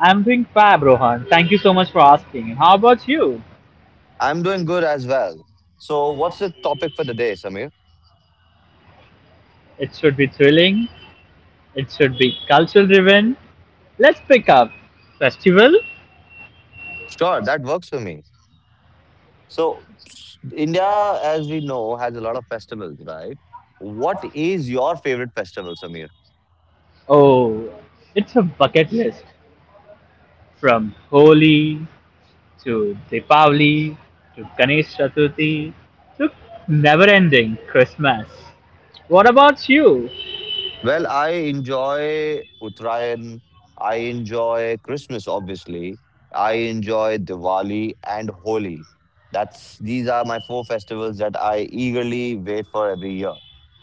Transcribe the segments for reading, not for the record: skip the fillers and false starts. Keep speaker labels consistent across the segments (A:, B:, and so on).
A: I'm doing fab, Rohan. Thank you so much for asking. And how about you?
B: I'm doing good as well. So, what's the topic for the day, Samir?
A: It should be thrilling. It should be culture driven. Let's pick up festival.
B: Sure, that works for me. So, India, as we know, has a lot of festivals, right? What is your favorite festival, Samir?
A: Oh, it's a bucket list from Holi to Deepavali to Ganesh Chaturthi to never ending Christmas. What about you?
B: Well, I enjoy Uttarayan. I enjoy Christmas, obviously. I enjoy Diwali and Holi. That's These are my four festivals that I eagerly wait for every year.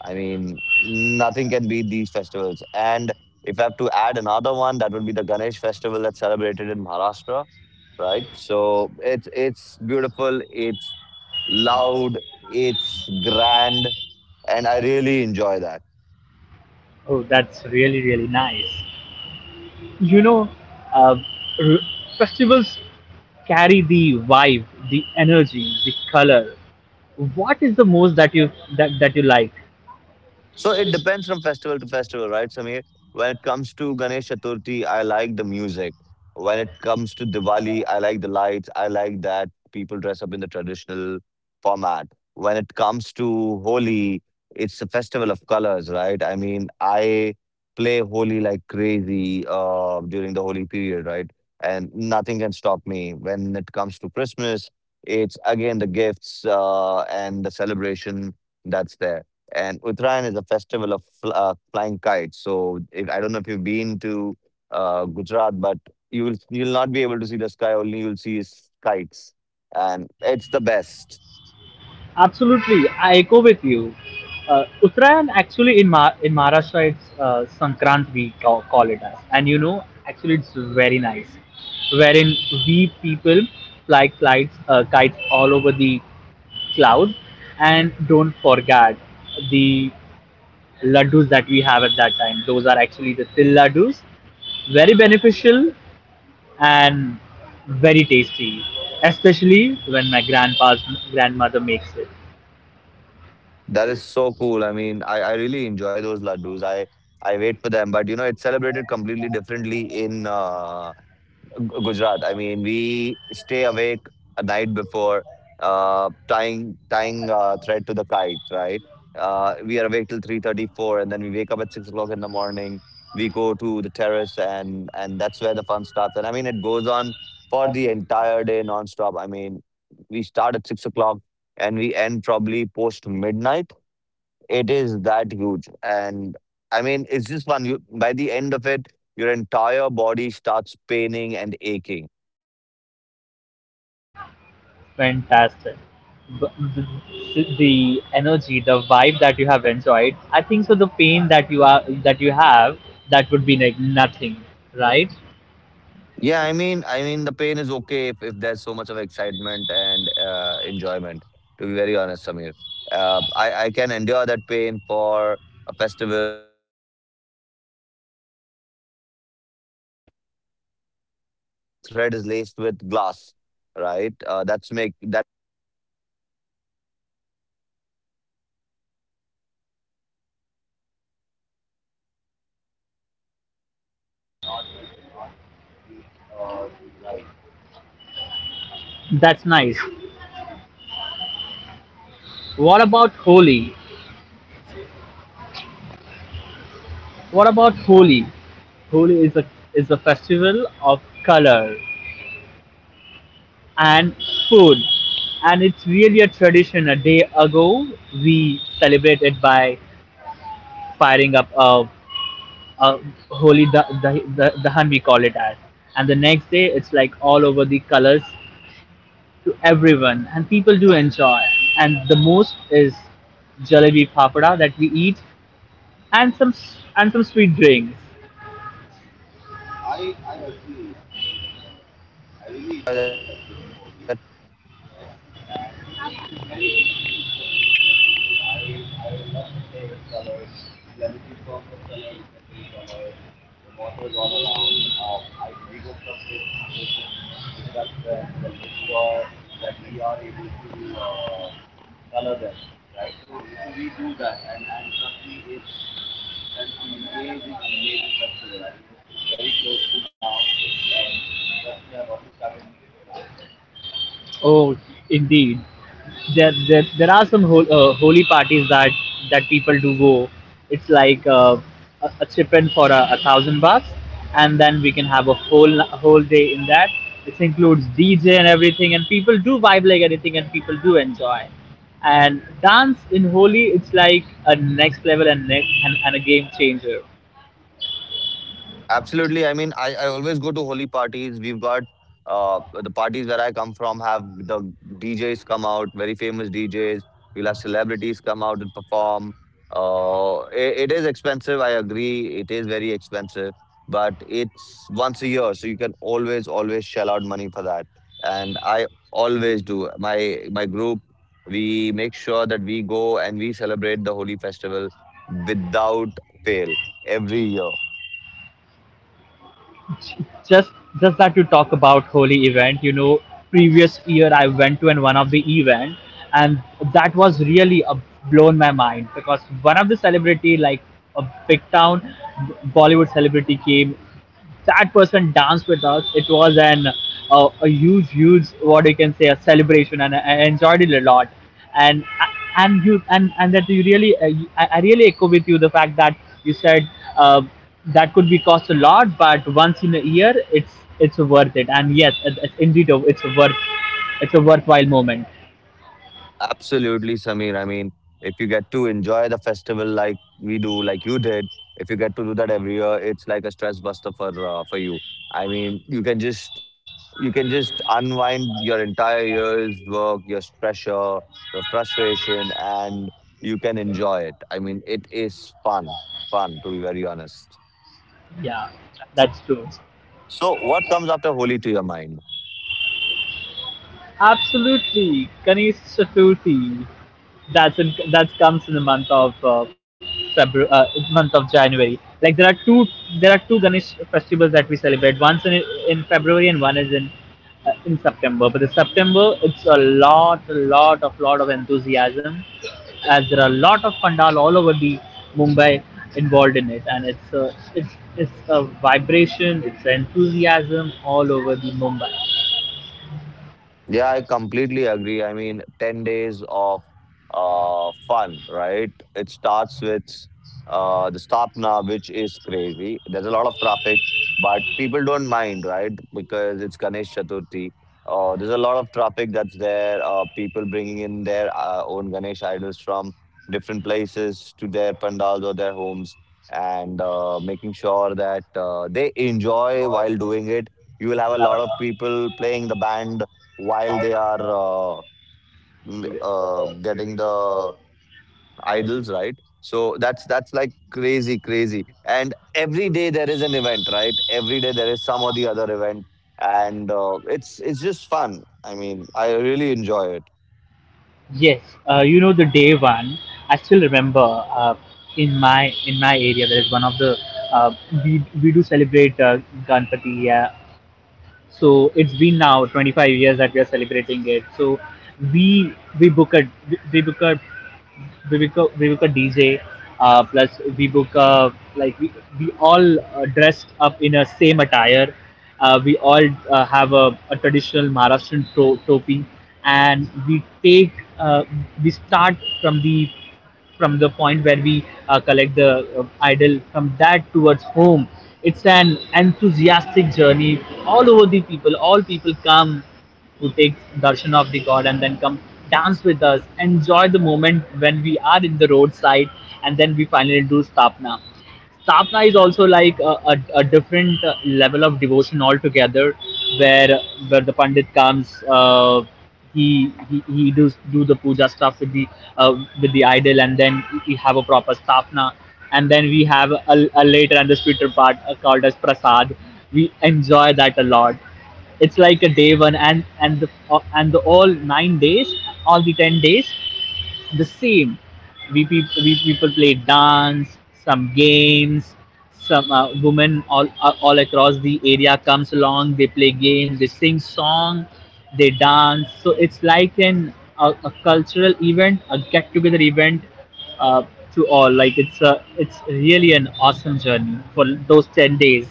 B: I mean, nothing can beat these festivals. And if I have to add another one, that would be the Ganesh festival that's celebrated in Maharashtra, right? So it's beautiful, it's loud, it's grand, and I really enjoy that.
A: Oh, that's really, really nice. You know, uh, festivals carry the vibe, the energy, the color. What is the most that you like?
B: So it depends from festival to festival, right, Samir? When it comes to Ganesh Chaturthi, I like the music. When it comes to Diwali, I like the lights. I like that people dress up in the traditional format. When it comes to Holi, it's a festival of colors, right? I mean, I play Holi like crazy during the Holi period, right? And nothing can stop me. When it comes to Christmas, it's again the gifts and the celebration that's there, and Uttarayan is a festival of flying kites. So if, I don't know if you've been to Gujarat, but you'll not be able to see the sky. Only you'll see is kites, and it's the best.
A: Absolutely, I echo with you. Uttarayan, actually, in Maharashtra, it's Sankrant, we call it as. And actually it's very nice, wherein we people fly kites all over the cloud. And don't forget the laddus that we have at that time. Those are actually the til laddus, very beneficial and very tasty, especially when my grandpa's grandmother makes it.
B: That is so cool. I mean, I really enjoy those laddus. I wait for them, but you know it's celebrated completely differently in Gujarat. I mean, we stay awake a night before, tying thread to the kite. Right? We are awake till three thirty four, and then we wake up at 6 o'clock in the morning. We go to the terrace, and that's where the fun starts. And I mean, it goes on for the entire day nonstop. I mean, we start at 6 o'clock and we end probably post midnight. It is that huge, and I mean, it's just fun. You, by the end of it, your entire body starts paining and aching.
A: Fantastic. B- the energy, the vibe that you have enjoyed, I think so. The pain that you have, that would be like nothing, right?
B: Yeah, I mean, the pain is okay if there's so much of excitement and enjoyment. To be very honest, Samir, I can endure that pain for a festival, for for a time that I'm enjoying. I mean, when you're flying kite, it's the thread is laced with glass, right? That's what makes it sharp. There have been so many cuts on my fingers. Some of them are permanent. I had to get stitches on them. But still, I mean, it was fun. You could not, you cannot be it.
A: That's nice. What about Holi? What about Holi? Holi is a festival of color and food. And it's really a tradition. A day ago, we celebrated by firing up a holy dahan, we call it as. And the next day, it's like all over the colors to everyone, and people do enjoy. And the most is jalebi fafada that we eat, and some sweet drinks.
B: I agree. I mean, I really enjoy that festival, Holi, right? And it's very interesting for me, the festival. I love to play with colors, let it be permanent colors or temporary colors. The waters all around. I We go from places to places, visit our friends, and make sure that we are able to color them, right? So we do that, and trust me, it's an amazing, amazing festival. I mean, it's very close to now, and trust me, I've already started making plans.
A: Oh, indeed. There are some holy parties that people do go. It's like a chip in for $1,000, and then we can have a whole day in that. This includes DJ and everything, and people do vibe like anything, and people do enjoy. And dance in holy, it's like a next level and next and a game changer.
B: Absolutely. I mean, I always go to holy parties. We've got the parties where I come from have the DJs come out, very famous DJs. We'll have celebrities come out and perform. It is expensive. I agree. It is very expensive, but it's once a year, so you can always, always shell out money for that. And I always do. My group, we make sure that we go and we celebrate the holy festival without fail every year.
A: just just that you talk about holy event, previous year I went to an one of the event. And that was really, blown my mind, because one of the celebrity, like a big town Bollywood celebrity came. That person danced with us. It was an a huge, huge, what you can say, a celebration, and I enjoyed it a lot. And and you and that you really you- I really echo with you the fact that you said, uh, that could be cost a lot, but once in a year, it's worth it. And yes, it's indeed a, it's a worth it's a worthwhile moment.
B: Absolutely, Samir. I mean, if you get to enjoy the festival like we do, like you did, if you get to do that every year, it's like a stress buster for you. I mean, you can just unwind your entire year's work, your pressure, your frustration, and you can enjoy it. I mean, it is fun, fun, to be very honest.
A: Yeah, that's true.
B: So, what comes after Holi to your mind?
A: Absolutely, Ganesh Chaturthi. That's that comes in the month of February, month of January. Like there are two Ganesh festivals that we celebrate. One's in February, and one is in September. But the September, it's a lot of enthusiasm, as there are a lot of pandal all over the Mumbai involved in it, and it's a vibration, it's an enthusiasm all over the Mumbai.
B: Yeah, I completely agree. I mean, 10 days of fun, right? It starts with the Stapna, which is crazy. There's a lot of traffic, but people don't mind, right? Because it's Ganesh Chaturthi. There's a lot of traffic that's there, people bringing in their own Ganesh idols from different places to their pandals or their homes, and making sure that they enjoy while doing it. You will have a lot of people playing the band while they are getting the idols, right? So that's like crazy, crazy. And every day there is an event, right? Every day there is some or the other event, and it's just fun. I mean, I really enjoy it.
A: Yes, you know, the day one. I still remember, in my area there is one of the uh, we do celebrate Ganpati. Yeah, so it's been now 25 years that we are celebrating it. So we we book a we book a we book a DJ, plus we book a, like we all, dressed up in a same attire. We all, have a traditional Maharashtrian topi, and uh, we start from the point where we, collect the, idol from that towards home. It's an enthusiastic journey. All over, the people, all people come, who take darshan of the god and then come, dance with us, enjoy the moment when we are in the roadside, and then we finally do stapna. Sapna is also like a different, level of devotion altogether, where the pandit comes. He he does do the puja stuff with the, uh, idol, and then we have a proper Sapna, and then we have a later and the sweeter part, called as prasad. We enjoy that a lot. It's like a day one, and the, all 9 days, all the 10 days, the same. We people play, dance, some games. Some, women all, all across the area comes along. They play games, they sing song, they dance. So it's like a cultural event, a get together event, uh, to all. Like it's really an awesome journey for those 10 days.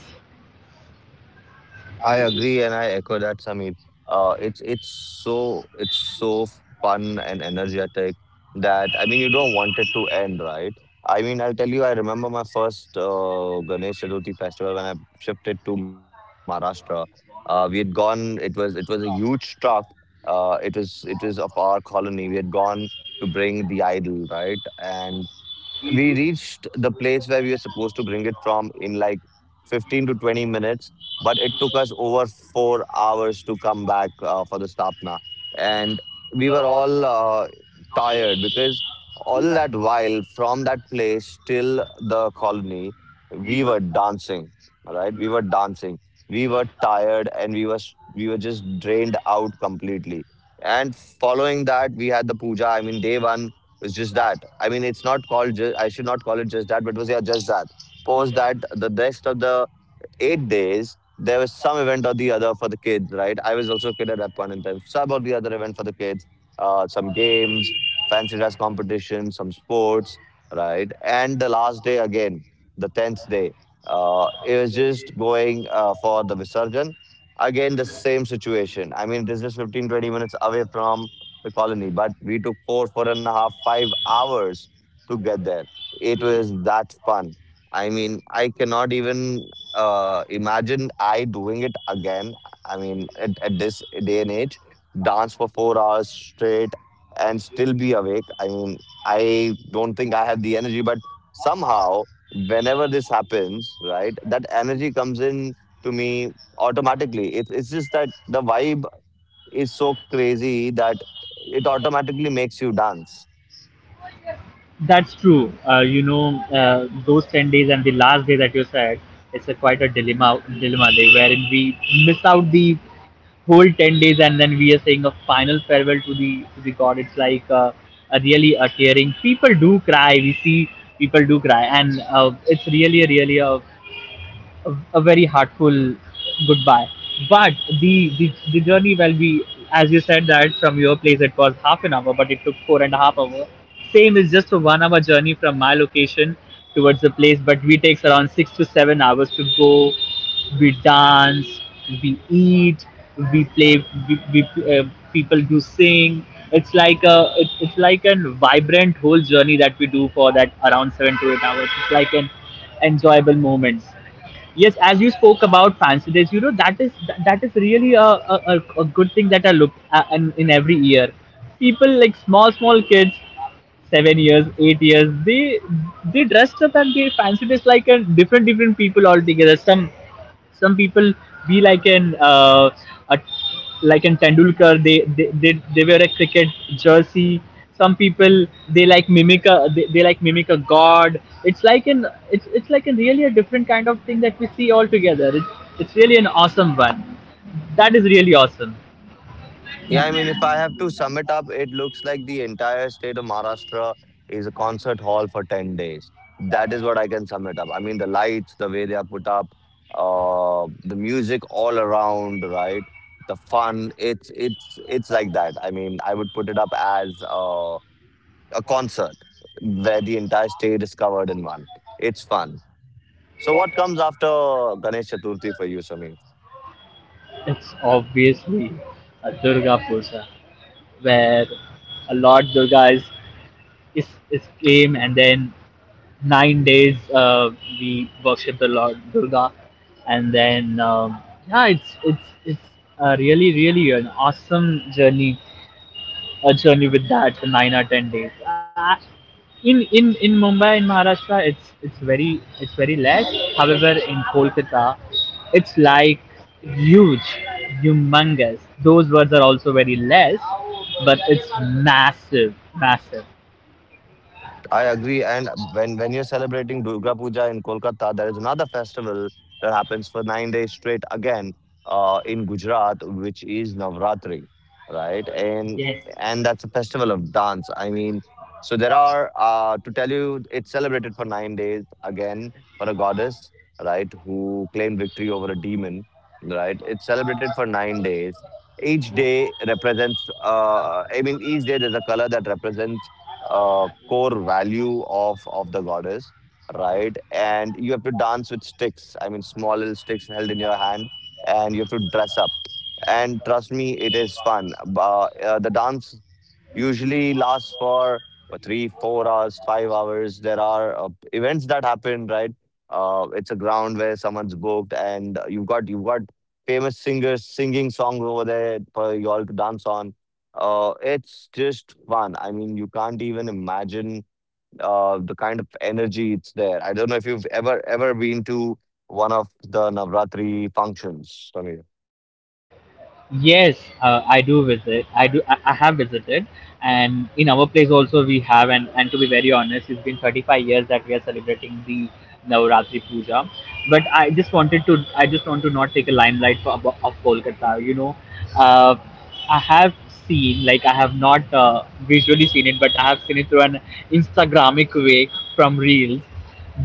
B: I agree and I echo that, Sameep. It's so fun and energetic that I mean you don't want it to end, right? I mean I'll tell you, I remember my first Ganesh Chaturthi festival when I shifted to Maharashtra. We had gone. It was a huge truck. It was of our colony. We had gone to bring the idol, right? And we reached the place where we were supposed to bring it from in like 15 to 20 minutes, but it took us over 4 hours to come back for the stapna, and we were all tired because all that while from that place till the colony we were dancing, right? We were tired, and we were just drained out completely. And following that, we had the puja. I mean, day one, it's just that. I mean, it's not called. I should not call it just that, but it was, yeah, just that. Post that, the rest of the 8 days, there was some event or the other for the kids, right? I was also a kid at that point in time. Some or the other event for the kids, some games, fancy dress competition, some sports, right? And the last day again, the tenth day, it was just going for the Visarjan. Again, the same situation. I mean, it is just 15-20 minutes away from the colony, but we took four, four and a half, 5 hours to get there. It was that fun. I mean, I cannot even imagine I doing it again. I mean, at this day and age, dance for 4 hours straight and still be awake. I mean, I don't think I have the energy, but somehow, whenever this happens, right, that energy comes in to me automatically. It's just that the vibe is so crazy that it automatically makes you dance.
A: That's true. Those 10 days and the last day that you said, it's a quite a dilemma day, wherein we miss out the whole 10 days, and then we are saying a final farewell to the god. It's like, a really a tearing. People do cry. We see people do cry, and it's really, really a very heartful goodbye. But the journey will be, as you said that from your place it was half an hour, but it took 4.5 hour. Same is just a 1 hour journey from my location towards the place, but we takes around 6 to 7 hours to go. We dance, we eat, we play, we people do sing. It's like it's like a vibrant whole journey that we do for that around 7 to 8 hours. It's like an enjoyable moments. Yes, as you spoke about fancy days, that is that is really a good thing that I look at, in every year. People like small small kids, 7 years, 8 years. They dressed up, and they fancied us like a different different people altogether. Some people be like a, like an Tendulkar. They wear a cricket jersey. Some people they like mimic a god. It's like an it's like a really a different kind of thing that we see all together. It's really an awesome one. That is really awesome.
B: Yeah, I mean, if I have to sum it up, it looks like the entire state of Maharashtra is a concert hall for 10 days. That is what I can sum it up. I mean, the lights, the way they are put up, the music all around, right? The fun, it's it's like that. I mean, I would put it up as a concert where the entire state is covered in one. It's fun. So what comes after Ganesh Chaturthi for you, Sameer?
A: It's obviously a Durga Puja, where a Lord Durga is came, and then 9 days, we worship the Lord Durga, and then yeah, it's, really really an awesome journey, a journey with that for 9 or 10 days. In Mumbai, in Maharashtra, it's it's very less. However, in Kolkata, it's like huge, humongous. Those words are also very less, but it's massive, massive.
B: I agree. And when you're celebrating Durga Puja in Kolkata, there is another festival that happens for 9 days straight again in Gujarat, which is Navratri, right?
A: Yes.
B: And that's a festival of dance. I mean, so there are, to tell you, it's celebrated for 9 days again for a goddess, right, who claimed victory over a demon, right? It's celebrated for 9 days. Each day represents. I mean, each day there's a color that represents core value of the goddess, right? And you have to dance with sticks. I mean, small little sticks held in your hand, and you have to dress up. And trust me, it is fun. The dance usually lasts for three, 4 hours, 5 hours. There are events that happen, right? It's a ground where someone's booked, and you've got famous singers singing songs over there for you all to dance on. It's just fun. I mean, you can't even imagine the kind of energy it's there. I don't know if you've ever been to one of the Navratri functions, Sameer.
A: Yes, I do visit. I do. I have visited, and in our place also we have. And to be very honest, it's been 35 years that we are celebrating the Navratri Puja. But I just wanted to. I just want to not take a limelight for of Kolkata. You know, uh, I have seen, like I have not, visually seen it, but I have seen it through an Instagramic way, from reels.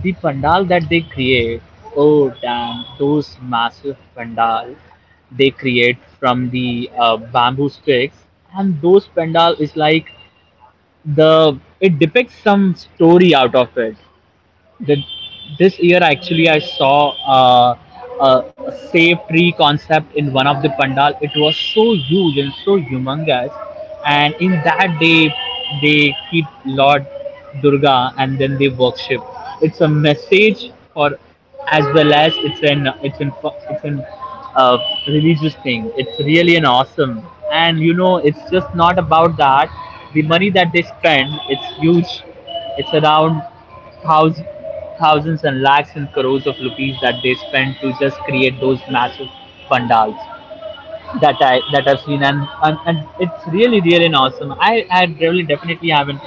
A: The pandal that they create. Oh, damn! Those massive pandal they create from the, bamboo sticks, and those pandal is like, the it depicts some story out of it the, this year actually I saw, a save tree concept in one of the pandal. It was so huge and so humongous, and in that they keep Lord Durga and then they worship. It's a message for, as well as it's an, it's an uh, religious thing. It's really an awesome, and you know it's just not about that. The money that they spend, it's huge. It's around thous- thousands and lakhs and crores of rupees that they spend to just create those massive pandals that I've seen. And it's really really awesome. I really definitely haven't,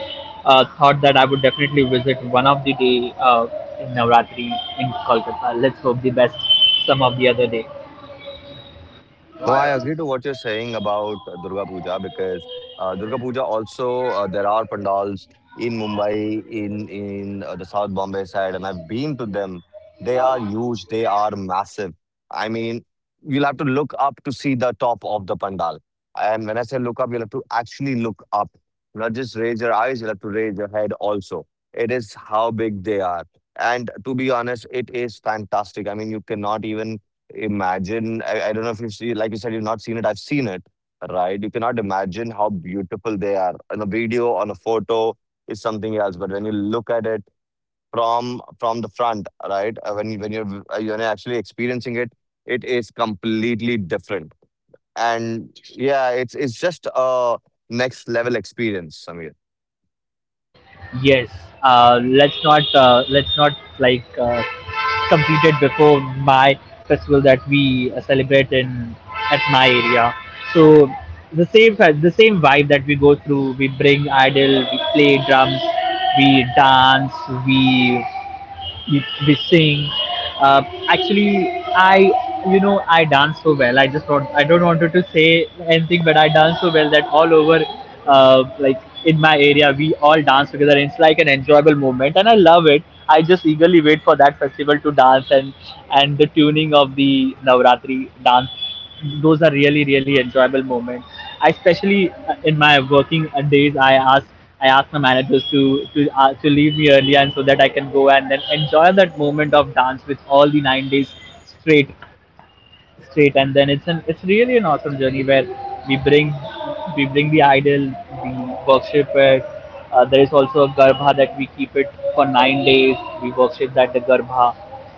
A: thought that I would definitely visit one of the day, in Navratri in Kolkata. Let's hope the best some of the other day.
B: No, I agree to what you're saying about Durga Puja, because Durga Puja also, there are pandals in Mumbai, in the South Bombay side, and I've been to them. They are huge. They are massive. I mean, you'll have to look up to see the top of the pandal. And when I say look up, you'll have to actually look up, not just raise your eyes. You'll have to raise your head also. It is how big they are. And to be honest, it is fantastic. I mean, you cannot even imagine I don't know if you've seen. Like you said, you've not seen it, I've seen it, right? You cannot imagine how beautiful they are. On a video, on a photo is something else, but when you look at it from the front, right, when you're you're actually experiencing it, it is completely different. And yeah, it's just a next level experience, Samir.
A: Yes. Let's not, like uh, complete it before my festival that we, celebrate in at my area. So the same vibe that we go through. We bring idol. We play drums. We dance. We we sing. Uh, Actually, I, I dance so well. I don't wanted to say anything, but I dance so well that all over, like in my area we all dance together. It's like an enjoyable moment, and I love it. I just eagerly wait for that festival to dance and the tuning of the Navratri dance. Those are really enjoyable moments. I especially, in my working days, I ask my managers to leave me early and so that I can go and then enjoy that moment of dance with all the 9 days straight straight. And then it's really an awesome journey where we bring we bring the idol, we worship it. There is also a garbha that we keep it for 9 days. We worship that the garbha.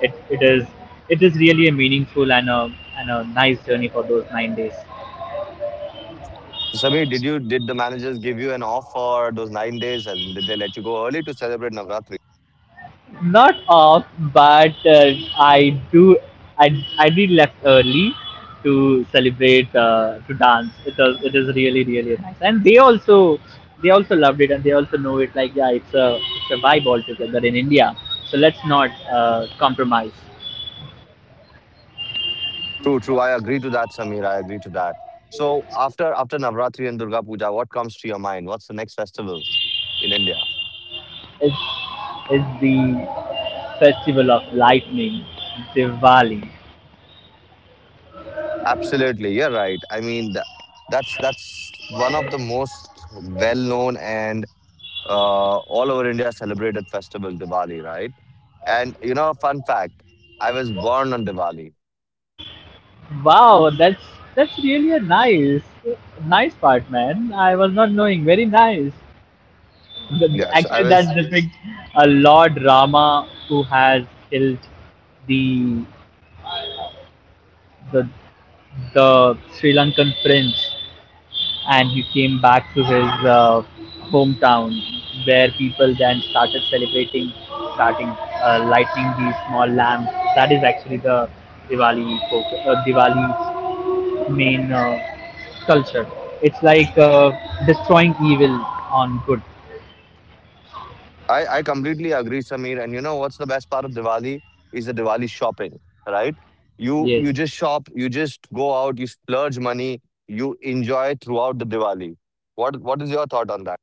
A: It, it is it is really a meaningful and a nice journey for those 9 days.
B: So Samir, did you, did the managers give you an off for those 9 days, and did they let you go early to celebrate Navratri?
A: Not off, but I do. I, I did left early to celebrate, to dance. It is really nice, and they also, they also loved it, and they also know it. Like, yeah, it's a vibe altogether in India. So let's not compromise.
B: True, true. I agree to that, Samir. I agree to that. So after Navratri and Durga Puja, what comes to your mind? What's the next festival in India?
A: It's it's the festival of lightning, Diwali.
B: Absolutely, you're right. I mean, that's one of the most well-known and all over India celebrated festival, Diwali, right? And you know, fun fact: I was born on Diwali.
A: Wow, that's really a nice, nice part, man. I was not knowing. Very nice.
B: Yes, I
A: Actually, that
B: was.
A: depicts a Lord Rama who has killed the the the Sri Lankan prince, and he came back to his, uh, hometown, where people then started celebrating, starting lighting these small lamps. That is actually the Diwali's main culture. It's like, destroying evil on good.
B: I completely agree, Samir. And you know what's the best part of Diwali is the Diwali shopping, right? You
A: Yes.
B: you just shop, you just go out, you splurge money, you enjoy throughout the Diwali. What is your thought on that?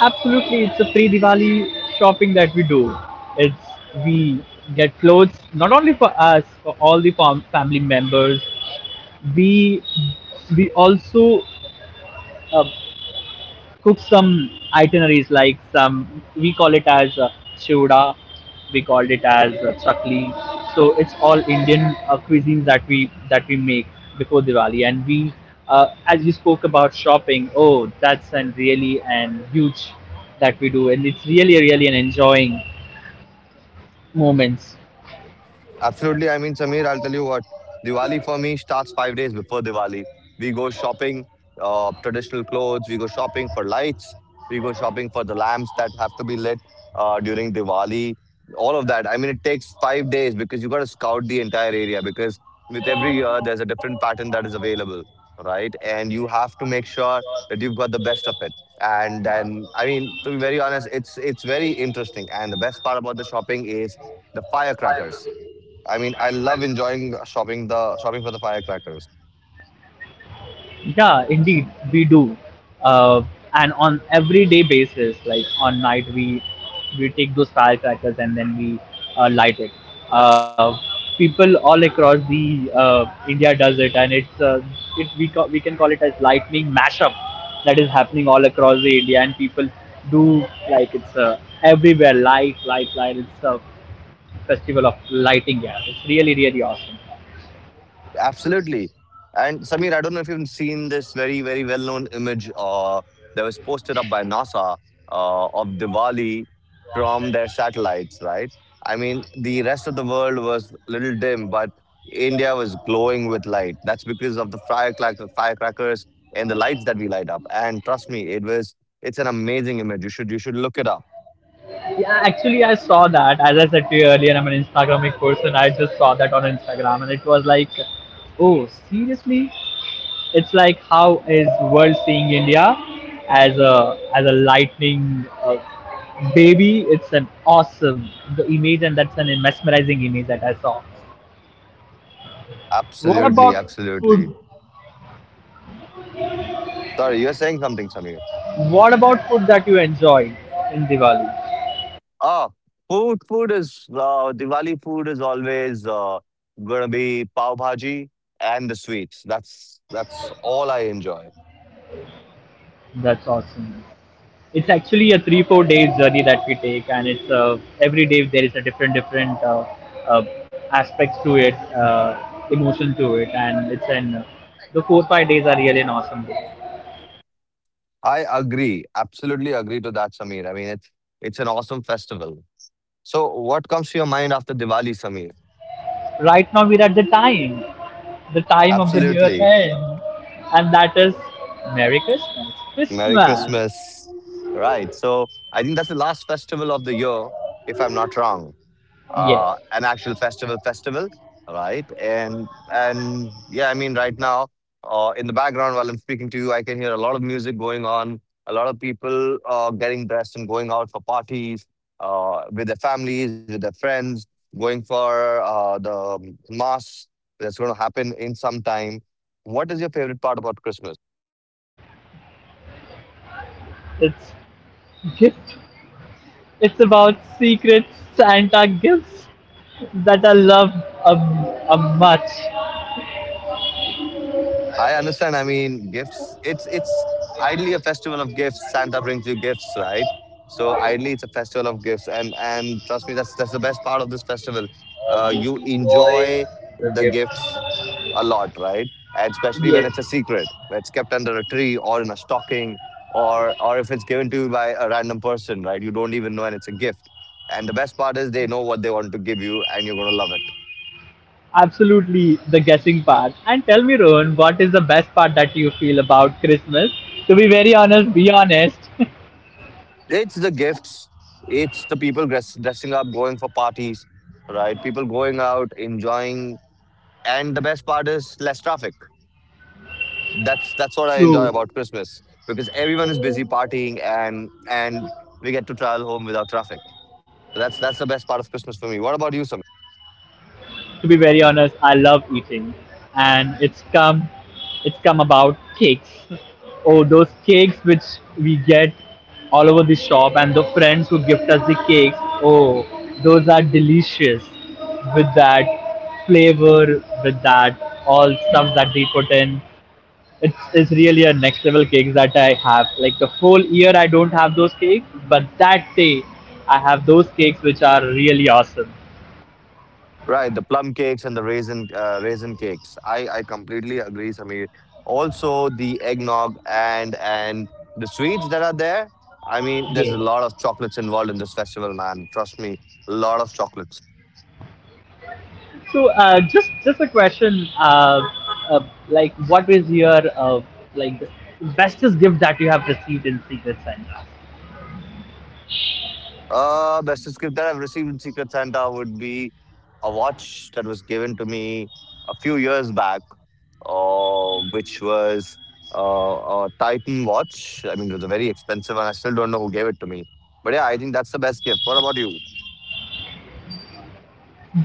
A: Absolutely, it's a pre-Diwali shopping that we do. It's, we get clothes not only for us, for all the family members. We we also, uh, cook some itineraries, like some we call it as chhuda, we called it as chakli. So it's all Indian cuisines that we make before Diwali. And we, as you spoke about shopping, oh that's and really and huge that we do, and it's really really an enjoying moments.
B: Absolutely. I mean, Samir, I'll tell you what, Diwali for me starts 5 days before Diwali. We go shopping, traditional clothes, we go shopping for lights, we go shopping for the lamps that have to be lit during Diwali, all of that. I mean, it takes 5 days because you got to scout the entire area because with every year there's a different pattern that is available, right? And you have to make sure that you've got the best of it. And then, I mean, to be very honest, it's very interesting. And the best part about the shopping is the firecrackers. I mean, I love enjoying shopping the shopping for the firecrackers.
A: Yeah, indeed, we do, uh, and on everyday basis, like on night we take those firecrackers and then we, light it. Uh, People all across the, India does it, and it's, we can call it as lightning mashup that is happening all across the India, and people do, like it's, everywhere light light light. It's a festival of lighting. Yeah, it's really really awesome.
B: Absolutely. And Samir, I don't know if you've seen this very, very well-known image that was posted up by NASA of Diwali from their satellites, right? I mean, the rest of the world was a little dim, but India was glowing with light. That's because of the firecrackers and the lights that we light up. And trust me, it was, it's an amazing image. You should look it up.
A: Yeah, actually, I saw that. As I said to you earlier, I'm an Instagramic person. I just saw that on Instagram, and it was like, oh, seriously? It's like how is world seeing India as a lightning, baby? It's an awesome the image, and that's an mesmerizing image that I saw. What
B: Absolutely,
A: about
B: absolutely.
A: food?
B: Sorry, you're saying something, Samir.
A: What about food that you enjoyed in Diwali?
B: Oh, food, food is Diwali food is always gonna be pav bhaji and the sweets. That's all I enjoy.
A: That's awesome. It's actually a 3 4 days journey that we take, and it's, every day there is a different different, uh, aspects to it, emotion to it, and it's an, the 4 5 days are really an awesome. Day.
B: I agree, absolutely agree to that, Sameer. I mean, it's an awesome festival. So, what comes to your mind after Diwali, Sameer?
A: Right now we're at the time of the year
B: Absolutely,
A: end, and that is Merry
B: Merry
A: Christmas.
B: Christmas. Right. So, I think that's the last festival of the year, if I'm not wrong.
A: Yes,
B: Uh, an actual festival, right? And yeah, I mean, right now in the background while I'm speaking to you, I can hear a lot of music going on, a lot of people getting dressed and going out for parties with their families, with their friends, going for the mass that's going to happen in some time. What is your favorite part about Christmas?
A: it's gift. It's about secret Santa gifts that I love much.
B: I understand. I mean, gifts. It's idly a festival of gifts. Santa brings you gifts, right? So idly, it's a festival of gifts, and trust me, that's the best part of this festival. You enjoy the gifts a lot, right? And especially when
A: Yes.
B: it's a secret, when it's kept under a tree or in a stocking, or if it's given to you by a random person, right? You don't even know, and it's a gift. And the best part is they know what they want to give you, and you're gonna love it.
A: Absolutely, the guessing part. And tell me, Rohan, what is the best part that you feel about Christmas? To be very honest, be honest.
B: It's the gifts. It's the people dressing up, going for parties, right? People going out, enjoying, and the best part is less traffic. That's what I enjoy
A: True.
B: about Christmas because everyone is busy partying and we get to travel home without traffic. So that's the best part of Christmas for me. What about you, Sam?
A: To be very honest, I love eating, and it's come about cakes. Oh, those cakes which we get all over the shop, and the friends who gift us the cakes. Oh, those are delicious. With that flavor, with that all stuff that they put in, it's really a next level cakes that I have. Like the whole year, I don't have those cakes, but that day, I have those cakes which are really awesome.
B: Right, the plum cakes and the raisin raisin cakes. I completely agree, Sameer. Also, the eggnog and the sweets that are there. I mean, there's a
A: Yeah.
B: lot of chocolates involved in this festival, man. Trust me, a lot of chocolates.
A: So, just a question, uh, like what is your, like the bestest gift that you have received in Secret Santa?
B: Bestest gift that I've received in Secret Santa would be a watch that was given to me a few years back, which was uh, a Titan watch. I mean, it was a very expensive one. I still don't know who gave it to me. But yeah, I think that's the best gift. What about you?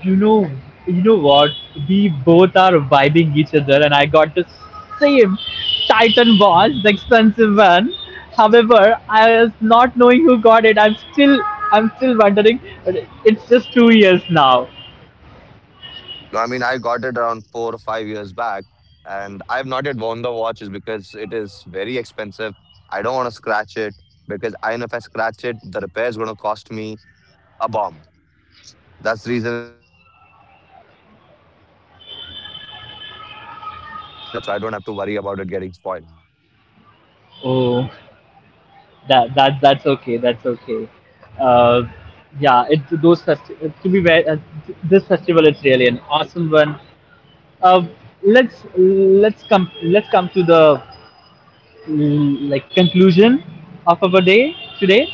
A: You know, you know what? We both are vibing each other, and I got the same Titan watch, the expensive one. However, I was not knowing who got it. I'm still wondering. But it's just 2 years now.
B: No, I mean, I got it around 4 or 5 years back, and I've not yet worn the watch is because it is very expensive. I don't want to scratch it because I know if I scratch it, the repair is going to cost me a bomb. That's the reason it's just kept in my cupboard. I have not yet worn it. And the best part, it's an automatic watch, so I don't have to worry about it getting spoiled.
A: Oh, that's okay. That's okay. Uh, yeah, it, to be very, this festival is really an awesome one. Uh, let's come to the like conclusion of our day today,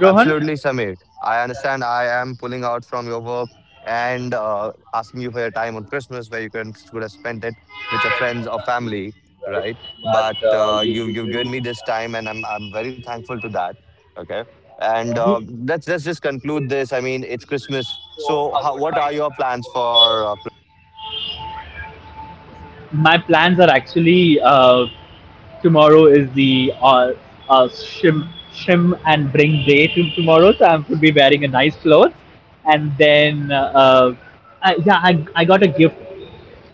A: Rohan?
B: Absolutely, Samir. I understand I am pulling out from your work and asking you for your time on Christmas where you can could have spent it with your friends or family, right? But you you've given me this time, and I'm very thankful to that. Okay, and let's just conclude this. I mean, it's Christmas, so how, what are your plans for?
A: My plans are actually, tomorrow is the, shim and bring day to tomorrow, so I'm going to be wearing a nice clothes, and then, yeah, I got a gift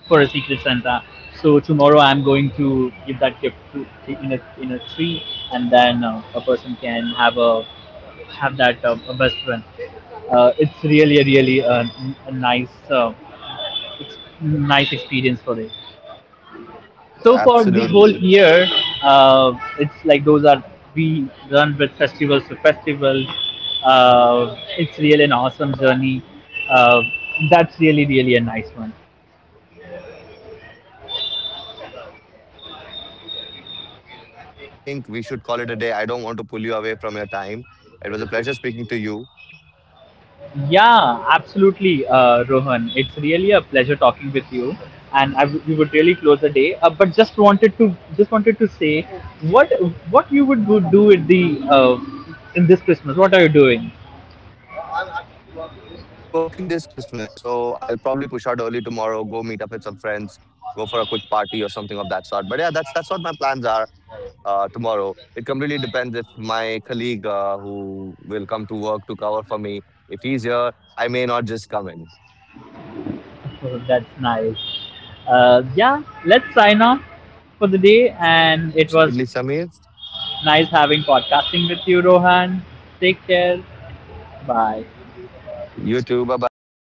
A: for a secret Santa. So tomorrow I'm going to give that gift to in a tree, and then, a person can have a have that, a best friend. It's really really a nice, nice experience for it. So for the whole
B: Absolutely,
A: year, it's like those are we run with festivals to festivals. It's really an awesome journey. Uh, that's really really a nice one.
B: right. So I completely agree with you, Samir, and I think we should call it a day. I don't want to pull you away from your time. It was a pleasure speaking to you.
A: Yeah, absolutely, Rohan. It's really a pleasure talking with you, and we would really close the day. But just wanted to say what what you would go do at the, uh, in this Christmas. What are you doing?
B: I'm actually working this Christmas, so I'll probably push out early tomorrow, go meet up with some friends, go for a quick party or something of that sort. But yeah, that's what my plans are tomorrow. It completely depends if my colleague who will come to work to cover for me, if he's here, I may not just come in.
A: Oh, that's nice. Yeah, let's sign off for the day. And it was
B: Absolutely, Samir.
A: nice having podcasting with you, Rohan. Take care. Bye.
B: You too. Bye bye.